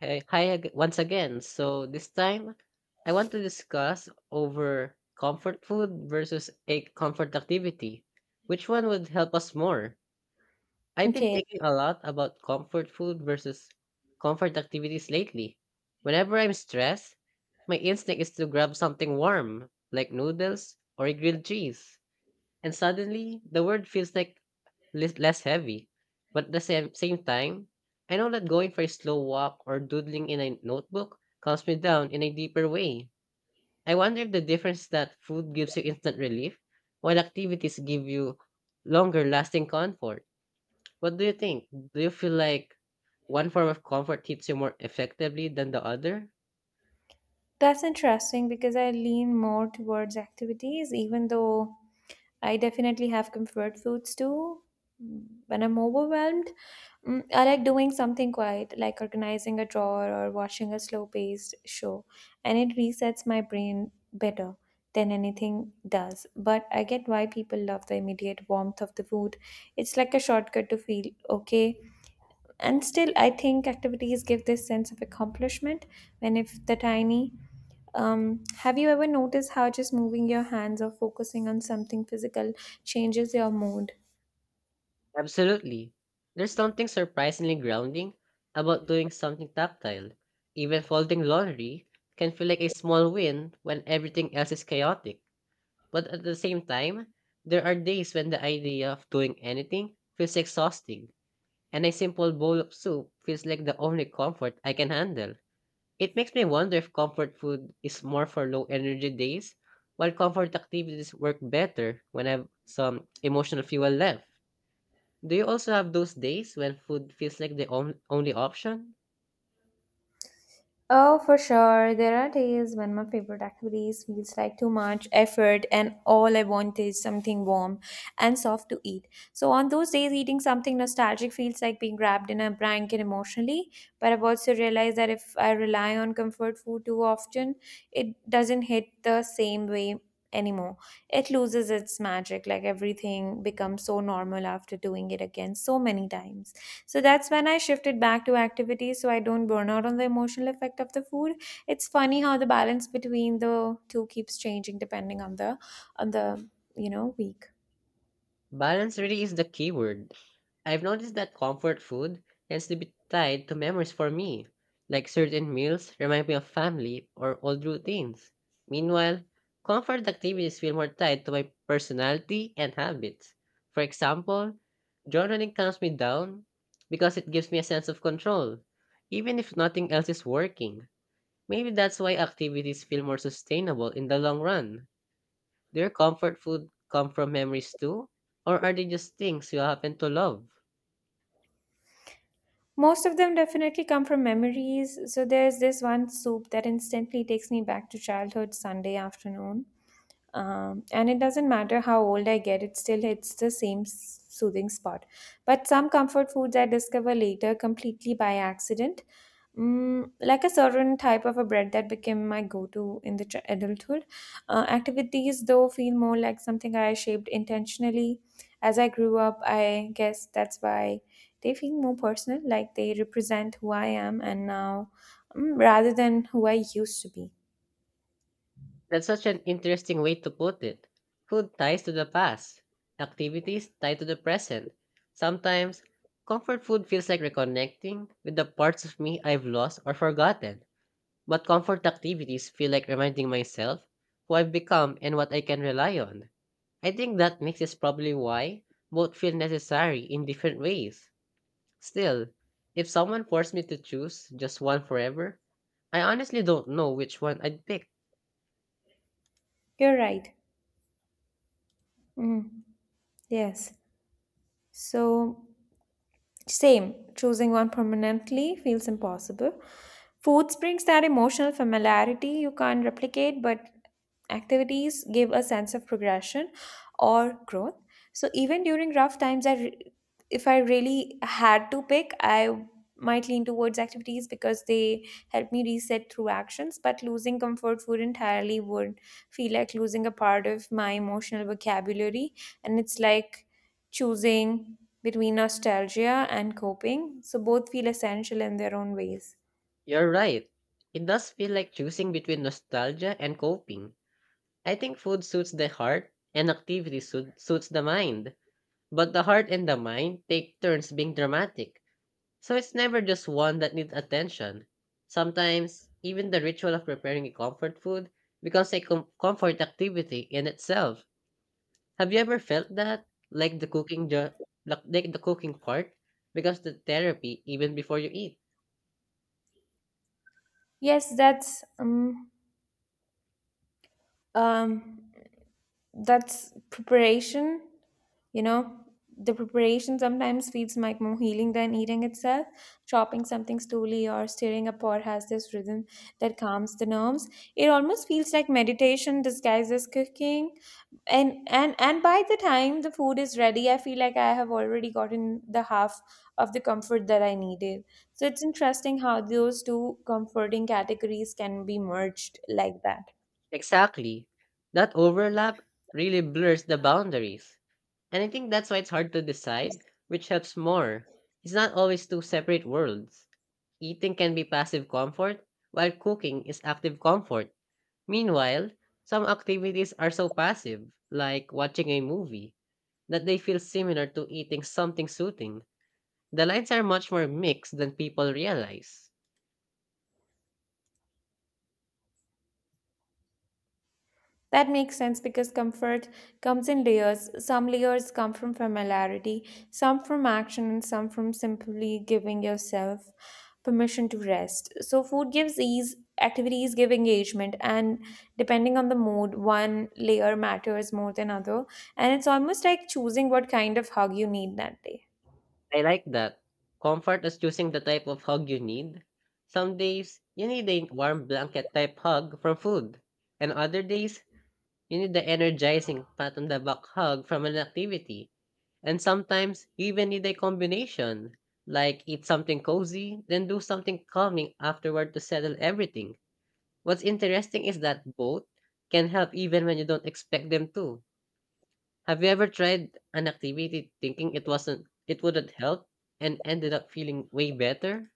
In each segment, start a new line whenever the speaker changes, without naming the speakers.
Hey, hi once again. So this time, I want to discuss over comfort food versus a comfort activity. Which one would help us more? I've been
Okay,
thinking a lot about comfort food versus comfort activities lately. Whenever I'm stressed, my instinct is to grab something warm, like noodles or a grilled cheese. And suddenly, the world feels like less heavy. But at the same time, I know that going for a slow walk or doodling in a notebook calms me down in a deeper way. I wonder if the difference that food gives you instant relief, while activities give you longer lasting comfort. What do you think? Do you feel like one form of comfort hits you more effectively than the other?
that's interesting because I lean more towards activities, even though I definitely have comfort foods too. When I'm overwhelmed, I like doing something quiet, like organizing a drawer or watching a slow-paced show, and it resets my brain better than anything does. But I get why people love the immediate warmth of the food. It's like a shortcut to feel okay. And still, I think activities give this sense of accomplishment when if the tiny. Have you ever noticed how just moving your hands or focusing on something physical changes your mood?
Absolutely. There's something surprisingly grounding about doing something tactile. Even folding laundry can feel like a small win when everything else is chaotic. But at the same time, there are days when the idea of doing anything feels exhausting, and a simple bowl of soup feels like the only comfort I can handle. It makes me wonder if comfort food is more for low energy days, while comfort activities work better when I have some emotional fuel left. Do you also have those days when food feels like the only option?
Oh, for sure. There are days when my favorite activities feels like too much effort and all I want is something warm and soft to eat. So on those days, eating something nostalgic feels like being wrapped in a blanket emotionally. But I've also realized that if I rely on comfort food too often, it doesn't hit the same way anymore. It loses its magic, like everything becomes so normal after doing it again so many times. So that's when I shifted back to activities so I don't burn out on the emotional effect of the food. It's funny how the balance between the two keeps changing depending on the week.
Balance really is the key word. I've noticed that comfort food tends to be tied to memories for me, like certain meals remind me of family or old routines. Meanwhile, comfort activities feel more tied to my personality and habits. For example, journaling calms me down because it gives me a sense of control, even if nothing else is working. Maybe that's why activities feel more sustainable in the long run. Do your comfort food come from memories too? Or are they just things you happen to love?
Most of them definitely come from memories. So there's this one soup that instantly takes me back to childhood Sunday afternoon. And it doesn't matter how old I get, it still hits the same soothing spot. But some comfort foods I discover later completely by accident, like a certain type of a bread that became my go-to in the adulthood. Activities, though, feel more like something I shaped intentionally. As I grew up, I guess that's why they feel more personal, like they represent who I am and now, rather than who I used to be.
That's such an interesting way to put it. Food ties to the past, activities tie to the present. Sometimes, comfort food feels like reconnecting with the parts of me I've lost or forgotten. But comfort activities feel like reminding myself who I've become and what I can rely on. I think that mix is probably why both feel necessary in different ways. Still, if someone forced me to choose just one forever, I honestly don't know which one I'd pick.
You're right. Mm, yes. So, same, choosing one permanently feels impossible. Food brings that emotional familiarity you can't replicate, but activities give a sense of progression or growth. So even during rough times, if I really had to pick, I might lean towards activities because they help me reset through actions. But losing comfort food entirely would feel like losing a part of my emotional vocabulary, and it's like choosing between nostalgia and coping. So both feel essential in their own ways.
You're right. It does feel like choosing between nostalgia and coping. I think food suits the heart and suits the mind. But the heart and the mind take turns being dramatic. So it's never just one that needs attention. Sometimes, even the ritual of preparing a comfort food becomes a comfort activity in itself. Have you ever felt that? Like the cooking the like the cooking part because the therapy even before you eat.
Yes, um that's preparation, you know, the preparation sometimes feels like more healing than eating itself. Chopping something slowly or stirring a pot has this rhythm that calms the nerves. It almost feels like meditation disguised as cooking, and by the time the food is ready, I feel like I have already gotten the half of the comfort that I needed. So it's interesting how those two comforting categories can be merged like that.
Exactly. That overlap really blurs the boundaries. And I think that's why it's hard to decide which helps more. It's not always two separate worlds. Eating can be passive comfort, while cooking is active comfort. Meanwhile, some activities are so passive, like watching a movie, that they feel similar to eating something soothing. The lines are much more mixed than people realize.
That makes sense because comfort comes in layers. Some layers come from familiarity, some from action, and some from simply giving yourself permission to rest. So, food gives ease, activities give engagement, and depending on the mood, one layer matters more than other. And it's almost like choosing what kind of hug you need that day.
I like that. Comfort is choosing the type of hug you need. Some days, you need a warm blanket type hug from food, and other days, you need the energizing pat on the back hug from an activity. And sometimes, you even need a combination, like eat something cozy, then do something calming afterward to settle everything. What's interesting is that both can help even when you don't expect them to. Have you ever tried an activity thinking it wouldn't help and ended up feeling way better?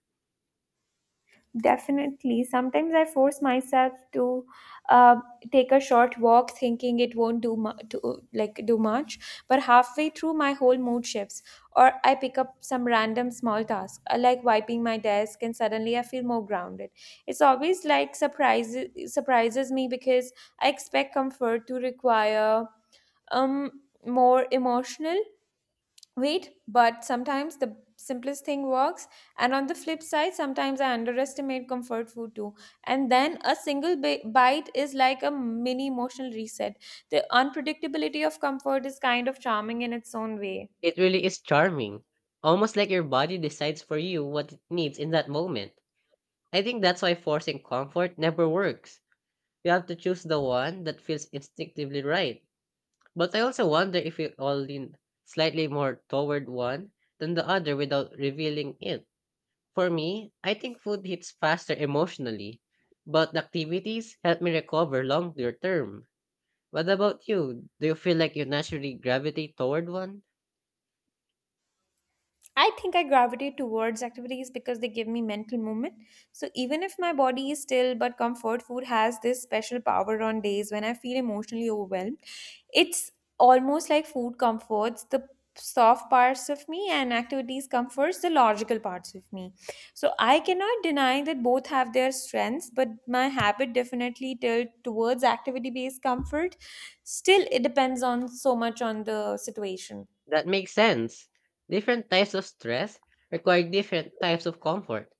Definitely. Sometimes I force myself to uh, take a short walk, thinking it won't like do much. But halfway through, my whole mood shifts, or I pick up some random small task, like wiping my desk, and suddenly I feel more grounded. It's always like surprises me because I expect comfort to require more emotional. Wait, but sometimes the simplest thing works. And on the flip side, sometimes I underestimate comfort food too, and then a single bite is like a mini emotional reset. The unpredictability of comfort is kind of charming in its own way.
It really is charming. Almost like your body decides for you what it needs in that moment. I think that's why forcing comfort never works. You have to choose the one that feels instinctively right. But I also wonder if we all lean slightly more toward one than the other without revealing it. For me, I think food hits faster emotionally, but the activities help me recover longer term. What about you? Do you feel like you naturally gravitate toward one?
I think I gravitate towards activities because they give me mental movement. So even if my body is still, but comfort food has this special power on days when I feel emotionally overwhelmed. It's almost like food comforts the soft parts of me and activities comforts the logical parts of me. So I cannot deny that both have their strengths, but my habit definitely tilt towards activity based comfort. Still, it depends on so much on the situation.
That makes sense. Different types of stress require different types of comfort.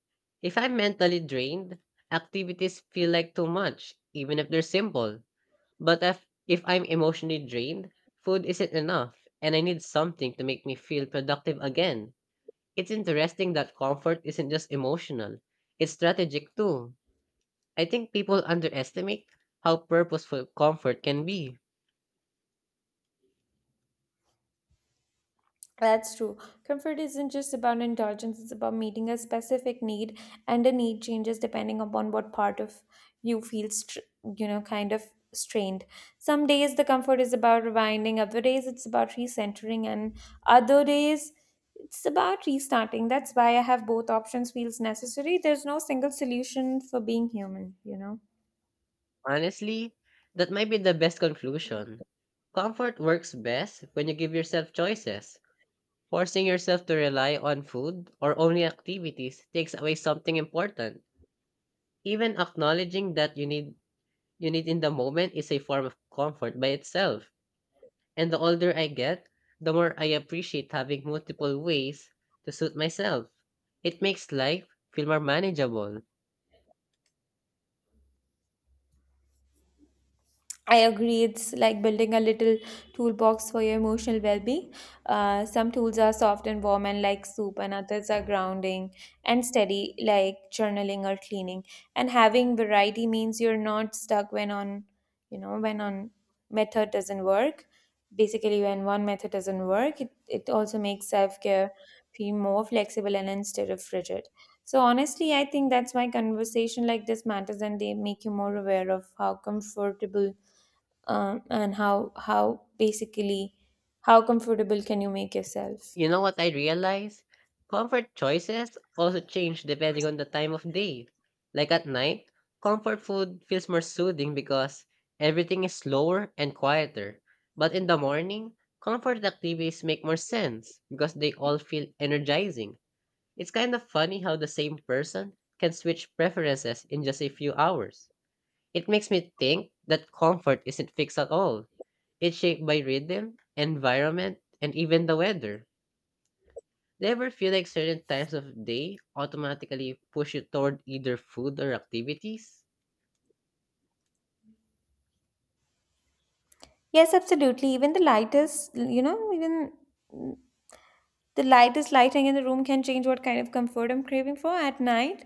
If I'm mentally drained, activities feel like too much, even if they're simple. But if I'm emotionally drained, food isn't enough, and I need something to make me feel productive again. It's interesting that comfort isn't just emotional, it's strategic too. I think people underestimate how purposeful comfort can be.
That's true. Comfort isn't just about indulgence, it's about meeting a specific need, and the need changes depending upon what part of you feels, kind of strained. Some days the comfort is about rewinding, other days it's about recentering, and other days it's about restarting. That's why I have both options feels necessary. There's no single solution for being human, you know.
Honestly, that might be the best conclusion. Comfort works best when you give yourself choices. Forcing yourself to rely on food or only activities takes away something important. Even acknowledging that you need in the moment is a form of comfort by itself. And the older I get, the more I appreciate having multiple ways to suit myself. It makes life feel more manageable.
I agree. It's like building a little toolbox for your emotional well-being. Some tools are soft and warm and like soup, and others are grounding and steady, like journaling or cleaning. And having variety means you're not stuck when on method doesn't work. Basically, when one method doesn't work, it also makes self-care feel more flexible and instead of rigid. So honestly, I think that's why conversation like this matters and they make you more aware of how comfortable, and how basically how comfortable can you make yourself.
You know what I realize? Comfort choices also change depending on the time of day. Like at night, comfort food feels more soothing because everything is slower and quieter. But in the morning, comfort activities make more sense because they all feel energizing. It's kind of funny how the same person can switch preferences in just a few hours. It makes me think that comfort isn't fixed at all. It's shaped by rhythm, environment, and even the weather. Do you ever feel like certain times of day automatically push you toward either food or activities?
Yes, absolutely, even the lightest lighting in the room can change what kind of comfort I'm craving for. At night,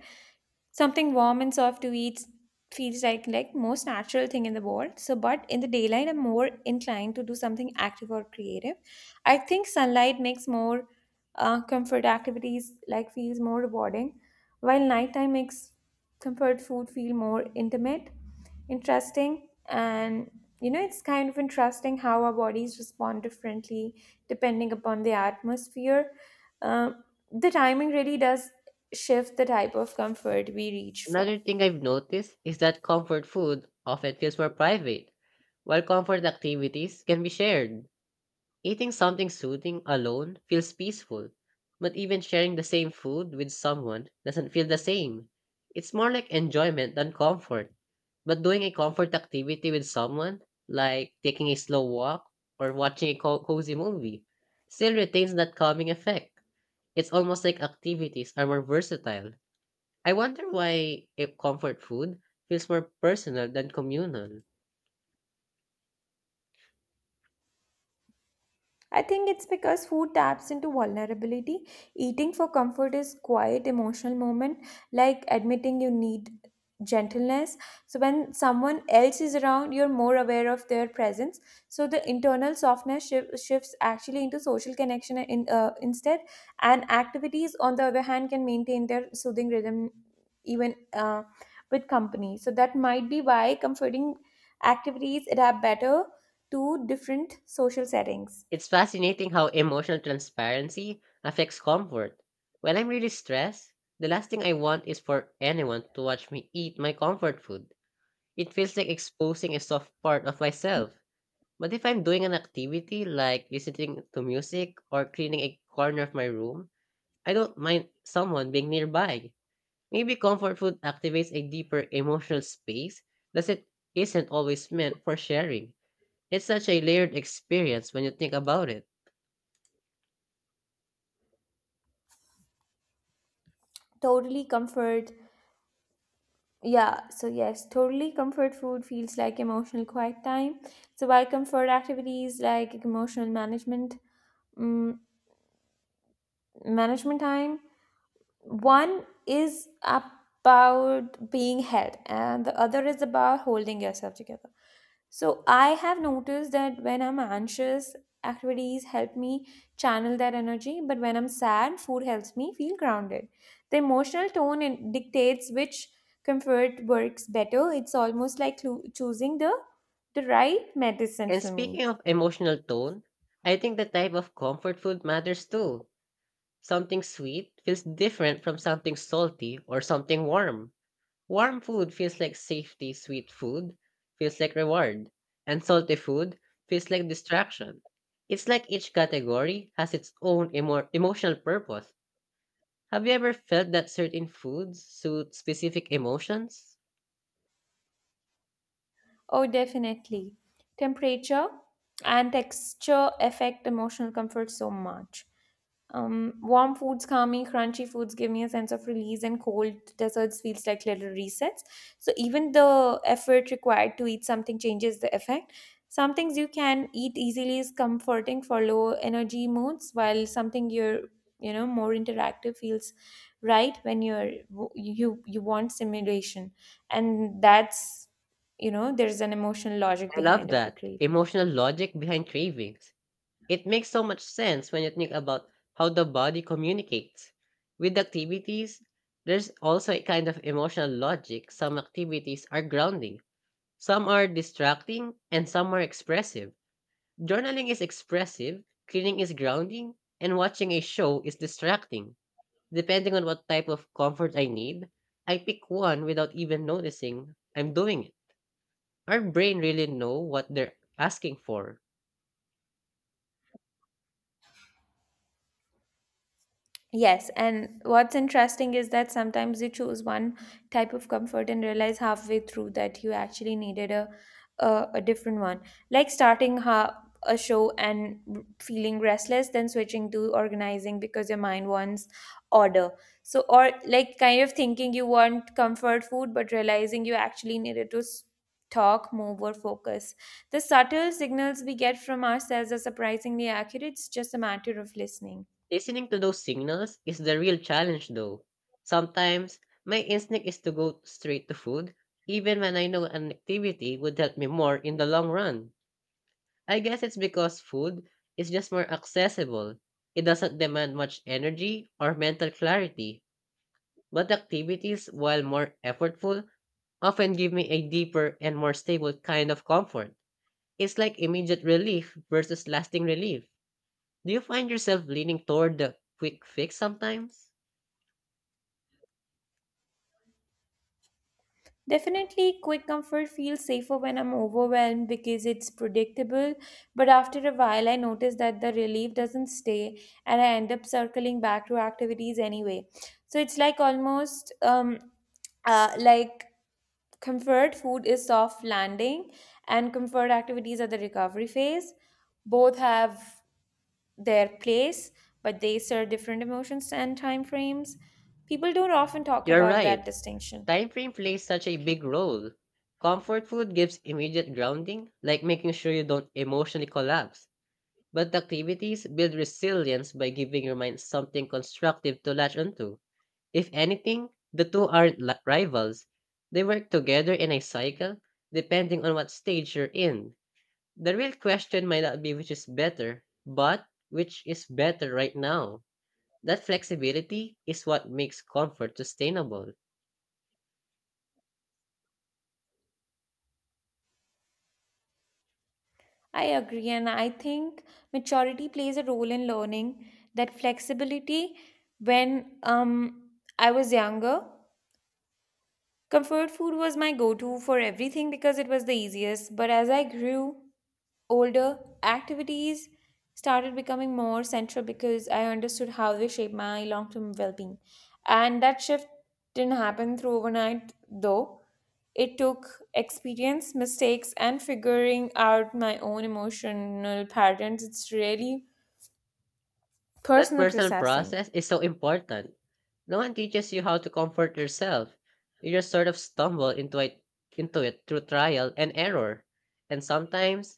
something warm and soft to eat feels like most natural thing in the world. So, but in the daylight, I'm more inclined to do something active or creative. I think sunlight makes more comfort activities like feels more rewarding, while nighttime makes comfort food feel more intimate. Interesting. And you know, it's kind of interesting how our bodies respond differently depending upon the atmosphere. Um, the timing really does shift the type of comfort we reach for.
Another thing I've noticed is that comfort food often feels more private, while comfort activities can be shared. Eating something soothing alone feels peaceful, but even sharing the same food with someone doesn't feel the same. It's more like enjoyment than comfort. But doing a comfort activity with someone, like taking a slow walk or watching a cozy movie, still retains that calming effect. It's almost like activities are more versatile. I wonder why a comfort food feels more personal than communal.
I think it's because food taps into vulnerability. Eating for comfort is quiet emotional moment, like admitting you need gentleness. So when someone else is around, you're more aware of their presence. So the internal softness shifts actually into social connection instead. And activities, on the other hand, can maintain their soothing rhythm even, with company. So that might be why comforting activities adapt better to different social settings.
It's fascinating how emotional transparency affects comfort. When I'm really stressed, the last thing I want is for anyone to watch me eat my comfort food. It feels like exposing a soft part of myself. But if I'm doing an activity like listening to music or cleaning a corner of my room, I don't mind someone being nearby. Maybe comfort food activates a deeper emotional space that it isn't always meant for sharing. It's such a layered experience when you think about it.
Totally comfort. Yeah, so yes, totally comfort food feels like emotional quiet time. So by comfort activities like emotional management, mm, management time, one is about being held and the other is about holding yourself together. So I have noticed that when I'm anxious, activities help me channel that energy, but when I'm sad, food helps me feel grounded. The emotional tone dictates which comfort works better. It's almost like choosing the right medicine
And
for me.
speaking of emotional tone, I think the type of comfort food matters too. Something sweet feels different from something salty or something warm. Warm food feels like safety, sweet food feels like reward, and salty food feels like distraction. It's like each category has its own emotional purpose. Have you ever felt that certain foods suit specific emotions?
Oh, definitely. Temperature and texture affect emotional comfort so much. Warm foods calm me, crunchy foods give me a sense of release, and cold desserts feels like little resets. So even the effort required to eat something changes the effect. Some things you can eat easily is comforting for low energy moods, while something you're, you know, more interactive feels right when you want stimulation, and that's, you know, there's an emotional logic
I love
behind every
that
craving.
emotional logic behind cravings. It makes so much sense when you think about how the body communicates. With activities, there's also a kind of emotional logic. Some activities are grounding, some are distracting, and some are expressive. Journaling is expressive, cleaning is grounding, and watching a show is distracting. Depending on what type of comfort I need, I pick one without even noticing I'm doing it. Our brain really know what they're asking for.
Yes, and what's interesting is that sometimes you choose one type of comfort and realize halfway through that you actually needed a different one. Like starting a show and feeling restless, then switching to organizing because your mind wants order. So, or like kind of thinking you want comfort food, but realizing you actually needed to talk, move, or focus. The subtle signals we get from ourselves are surprisingly accurate. It's just a matter of listening.
Listening to those signals is the real challenge though. Sometimes, my instinct is to go straight to food, even when I know an activity would help me more in the long run. I guess it's because food is just more accessible. It doesn't demand much energy or mental clarity, but activities, while more effortful, often give me a deeper and more stable kind of comfort. It's like immediate relief versus lasting relief. Do you find yourself leaning toward the quick fix sometimes?
Definitely, quick comfort feels safer when I'm overwhelmed because it's predictable. But after a while, I notice that the relief doesn't stay and I end up circling back to activities anyway. So it's like almost like comfort food is soft landing and comfort activities are the recovery phase. Both have their place, but they serve different emotions and time frames. People don't often talk
You're
about that
right.
distinction.
Time frame plays such a big role. Comfort food gives immediate grounding, like making sure you don't emotionally collapse. But activities build resilience by giving your mind something constructive to latch onto. If anything, the two aren't rivals. They work together in a cycle, depending on what stage you're in. The real question might not be which is better, but which is better right now. That flexibility is what makes comfort sustainable.
I agree, and I think maturity plays a role in learning that flexibility. When I was younger, comfort food was my go to for everything because it was the easiest. But as I grew older, activities started becoming more central because I understood how they shape my long term well being. And that shift didn't happen through overnight, though. It took experience, mistakes, and figuring out my own emotional patterns. It's really
That
personal
personal
processing.
process is so important. No one teaches you how to comfort yourself. You just sort of stumble into it through trial and error. And sometimes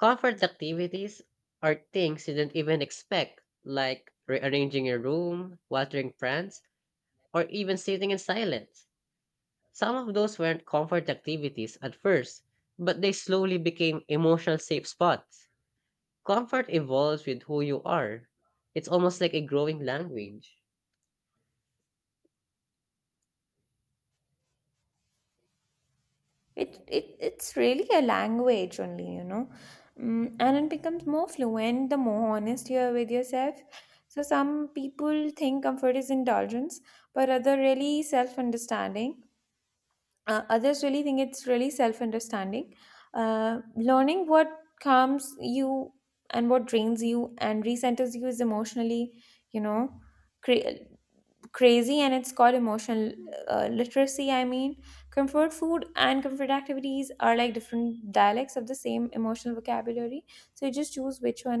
comfort activities are things you didn't even expect, like rearranging your room, watering plants, or even sitting in silence. Some of those weren't comfort activities at first, but they slowly became emotional safe spots. Comfort evolves with who you are. It's almost like a growing language.
It's really a language only, you know, and it becomes more fluent the more honest you are with yourself. So some people think comfort is indulgence, but other really self understanding. Others really think it's really self understanding. Learning what calms you and what drains you and recenters you is emotionally, you know, cre- crazy, and it's called emotional literacy. I mean, comfort food and comfort activities are like different dialects of the same emotional vocabulary, so you just choose which one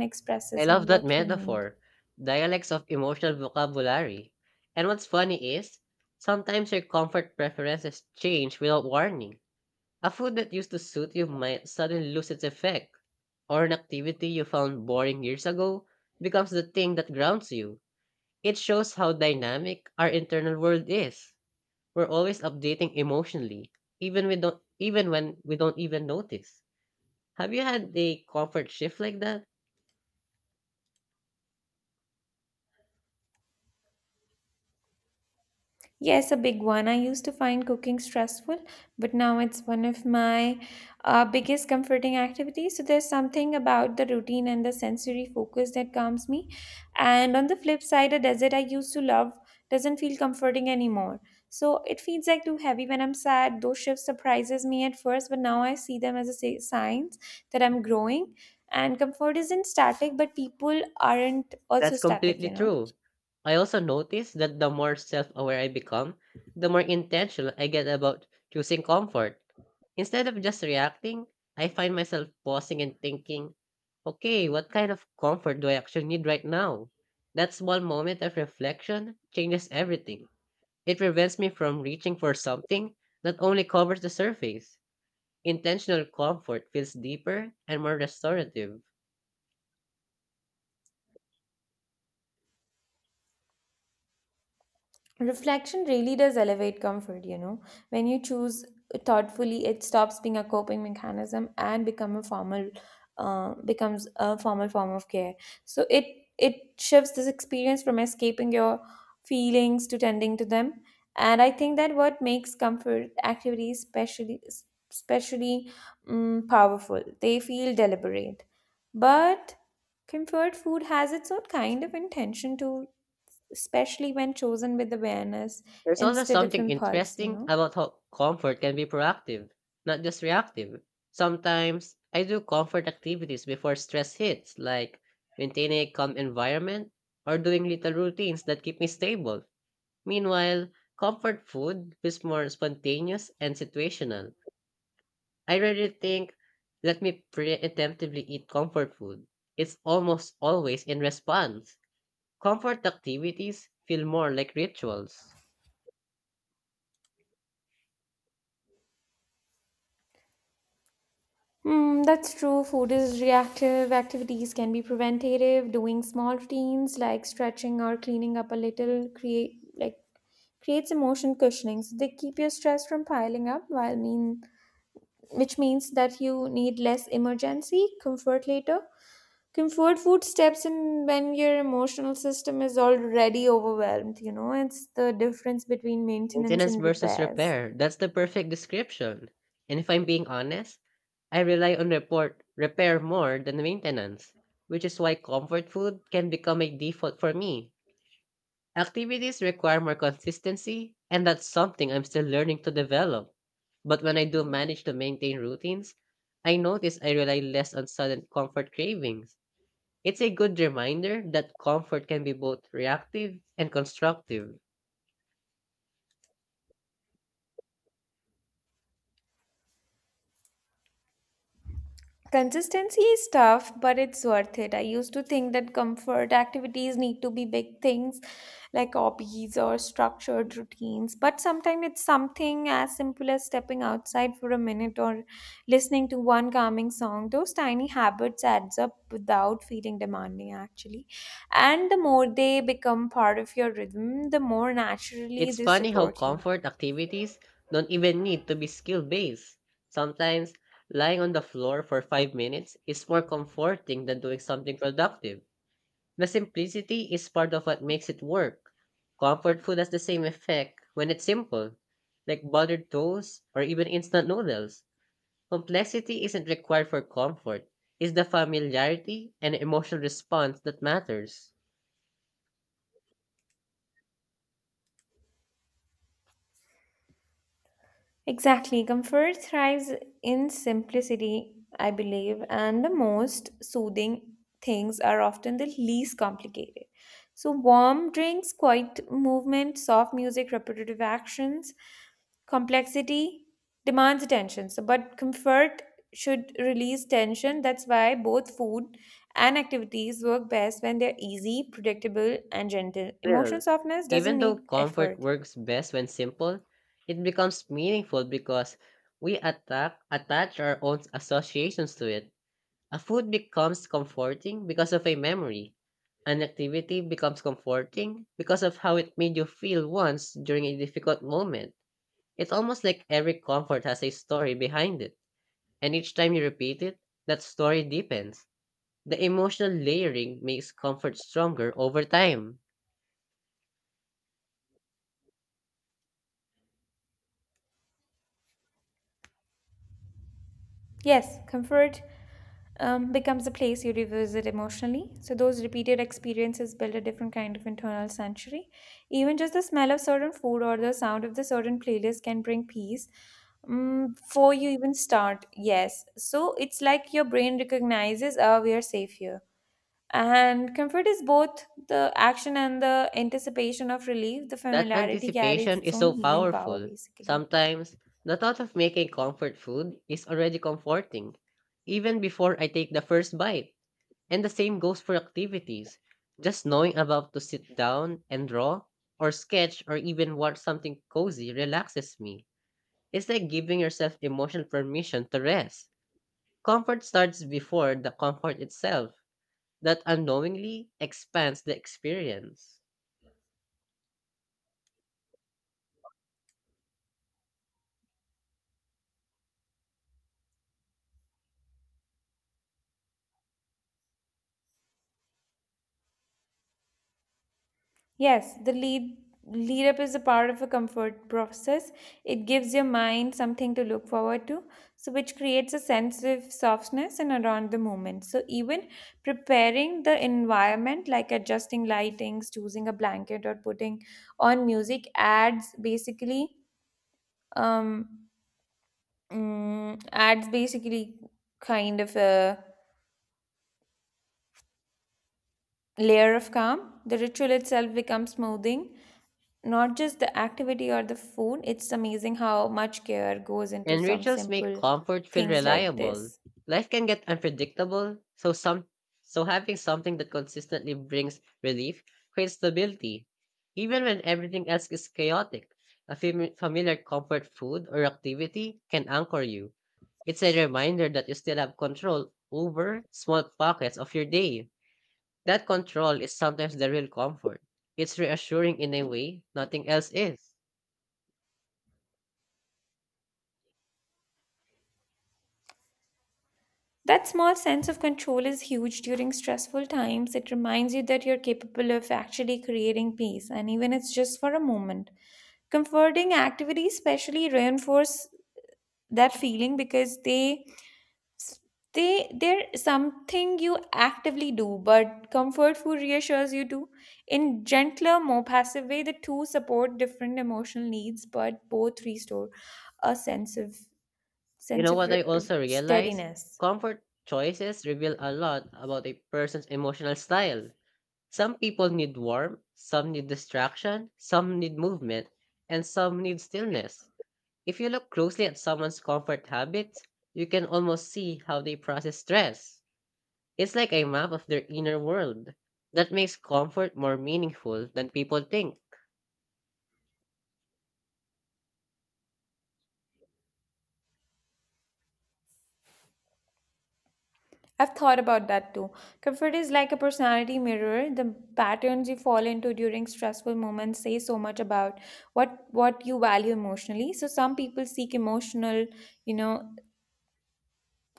I
expresses
love
and
that
what you need.
metaphor. Dialects of emotional vocabulary. And what's funny is, sometimes your comfort preferences change without warning. A food that used to suit you might suddenly lose its effect, or an activity you found boring years ago becomes the thing that grounds you. It shows how dynamic our internal world is. We're always updating emotionally, even when we don't even notice. Have you had a comfort shift like that?
Yes, a big one. I used to find cooking stressful, but now it's one of my biggest comforting activities. So there's something about the routine and the sensory focus that calms me. And on the flip side, a desert I used to love doesn't feel comforting anymore. So it feels like too heavy when I'm sad. Those shifts surprises me at first, but now I see them as a signs that I'm growing. And comfort isn't static, but people aren't also
That's
static,
completely true. I also notice that the more self aware I become, the more intentional I get about choosing comfort. Instead of just reacting, I find myself pausing and thinking, okay, what kind of comfort do I actually need right now? That small moment of reflection changes everything. It prevents me from reaching for something that only covers the surface. Intentional comfort feels deeper and more restorative.
Reflection really does elevate comfort, When you choose thoughtfully, it stops being a coping mechanism and become a formal becomes a formal form of care. So it shifts this experience from escaping your feelings to tending to them. And I think that what makes comfort activities especially powerful. They feel deliberate, but comfort food has its own kind of intention too, especially when chosen with awareness
There's also
instead of
something
impulse, you
interesting
know.
about how comfort can be proactive, not just reactive. Sometimes I do comfort activities before stress hits, like maintaining a calm environment or doing little routines that keep me stable. Meanwhile, comfort food is more spontaneous and situational. I rarely think, let me preemptively eat comfort food. It's almost always in response. Comfort activities feel more like rituals.
Hmm, that's true. Food is reactive. Activities can be preventative. Doing small routines like stretching or cleaning up a little creates emotion cushioning. So they keep your stress from piling up, while mean which means that you need less emergency comfort later. Comfort food steps in when your emotional system is already overwhelmed. You know, it's the difference between maintenance
Maintenance
and
versus
repairs.
repair. That's the perfect description. And if I'm being honest, I rely on report repair more than maintenance, which is why comfort food can become a default for me. Activities require more consistency, and that's something I'm still learning to develop. But when I do manage to maintain routines, I notice I rely less on sudden comfort cravings. It's a good reminder that comfort can be both reactive and constructive.
Consistency is tough, but it's worth it. I used to think that comfort activities need to be big things like hobbies or structured routines, but sometimes it's something as simple as stepping outside for a minute or listening to one calming song. Those tiny habits adds up without feeling demanding actually. And the more they become part of your rhythm, the more naturally
It's
they
funny how
support you.
comfort activities don't even need to be skill based. Sometimes, lying on the floor for 5 minutes is more comforting than doing something productive. The simplicity is part of what makes it work. Comfort food has the same effect when it's simple, like buttered toast or even instant noodles. Complexity isn't required for comfort, it's the familiarity and emotional response that matters.
Exactly. Comfort thrives in simplicity, I believe, and the most soothing things are often the least complicated. So, warm drinks, quiet movement, soft music, repetitive actions, complexity demands attention. So, but comfort should release tension. That's why both food and activities work best when they're easy, predictable, and gentle. Emotional
Still,
softness
even
doesn't
though
need
comfort
effort.
works best when simple, it becomes meaningful because we attach our own associations to it. A food becomes comforting because of a memory. An activity becomes comforting because of how it made you feel once during a difficult moment. It's almost like every comfort has a story behind it, and each time you repeat it, that story deepens. The emotional layering makes comfort stronger over time.
Yes, comfort becomes a place you revisit emotionally. So those repeated experiences build a different kind of internal sanctuary. Even just the smell of certain food or the sound of the certain playlist can bring peace before you even start. Yes, so it's like your brain recognizes, "Ah, we are safe here." And comfort is both the action and the anticipation of relief. The
That
familiarity carries
anticipation
its
is
own
so
healing power,
powerful.
basically.
Sometimes, the thought of making comfort food is already comforting, even before I take the first bite. And the same goes for activities. Just knowing about to sit down and draw, or sketch, or even watch something cozy relaxes me. It's like giving yourself emotional permission to rest. Comfort starts before the comfort itself, that unknowingly expands the experience.
Yes, the lead up is a part of a comfort process. It gives your mind something to look forward to, so which creates a sense of softness and around the moment. So even preparing the environment like adjusting lightings, choosing a blanket or putting on music adds basically um adds basically kind of a layer of calm. The ritual itself becomes smoothing, not just the activity or the food. It's amazing how much care goes into
And
some
rituals make
simple
comfort feel
things like
reliable.
this.
Life can get unpredictable, so having something that consistently brings relief creates stability. Even when everything else is chaotic, a familiar comfort food or activity can anchor you. It's a reminder that you still have control over small pockets of your day. That control is sometimes the real comfort. It's reassuring in a way nothing else is.
That small sense of control is huge during stressful times. It reminds you that you're capable of actually creating peace, and even it's just for a moment, comforting activities especially reinforce that feeling because s- they are something you actively do, but comfort food reassures you too in gentler more passive way. The two support different emotional needs but both restore a
You know
sense of
what I
r- r-
also realized?
steadiness.
Comfort choices reveal a lot about a person's emotional style. Some people need warmth, some need distraction, some need movement, and some need stillness. If you look closely at someone's comfort habits, you can almost see how they process stress. It's like a map of their inner world. That makes comfort more meaningful than people think.
I've thought about that too. Comfort is like a personality mirror. The patterns you fall into during stressful moments say so much about what you value emotionally. So some people seek emotional, you know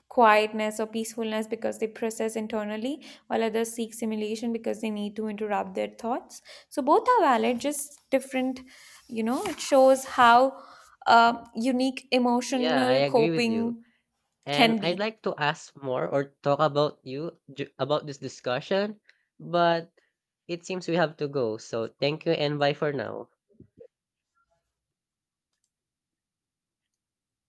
quietness or peacefulness because they process internally, while others seek simulation because they need to interrupt their thoughts. So both are valid, just different. You know, it shows how unique
Yeah, I
emotional
agree with you.
coping
And
can
I'd
be.
like to ask more or talk about about this discussion, but it seems we have to go. So thank you and bye for now.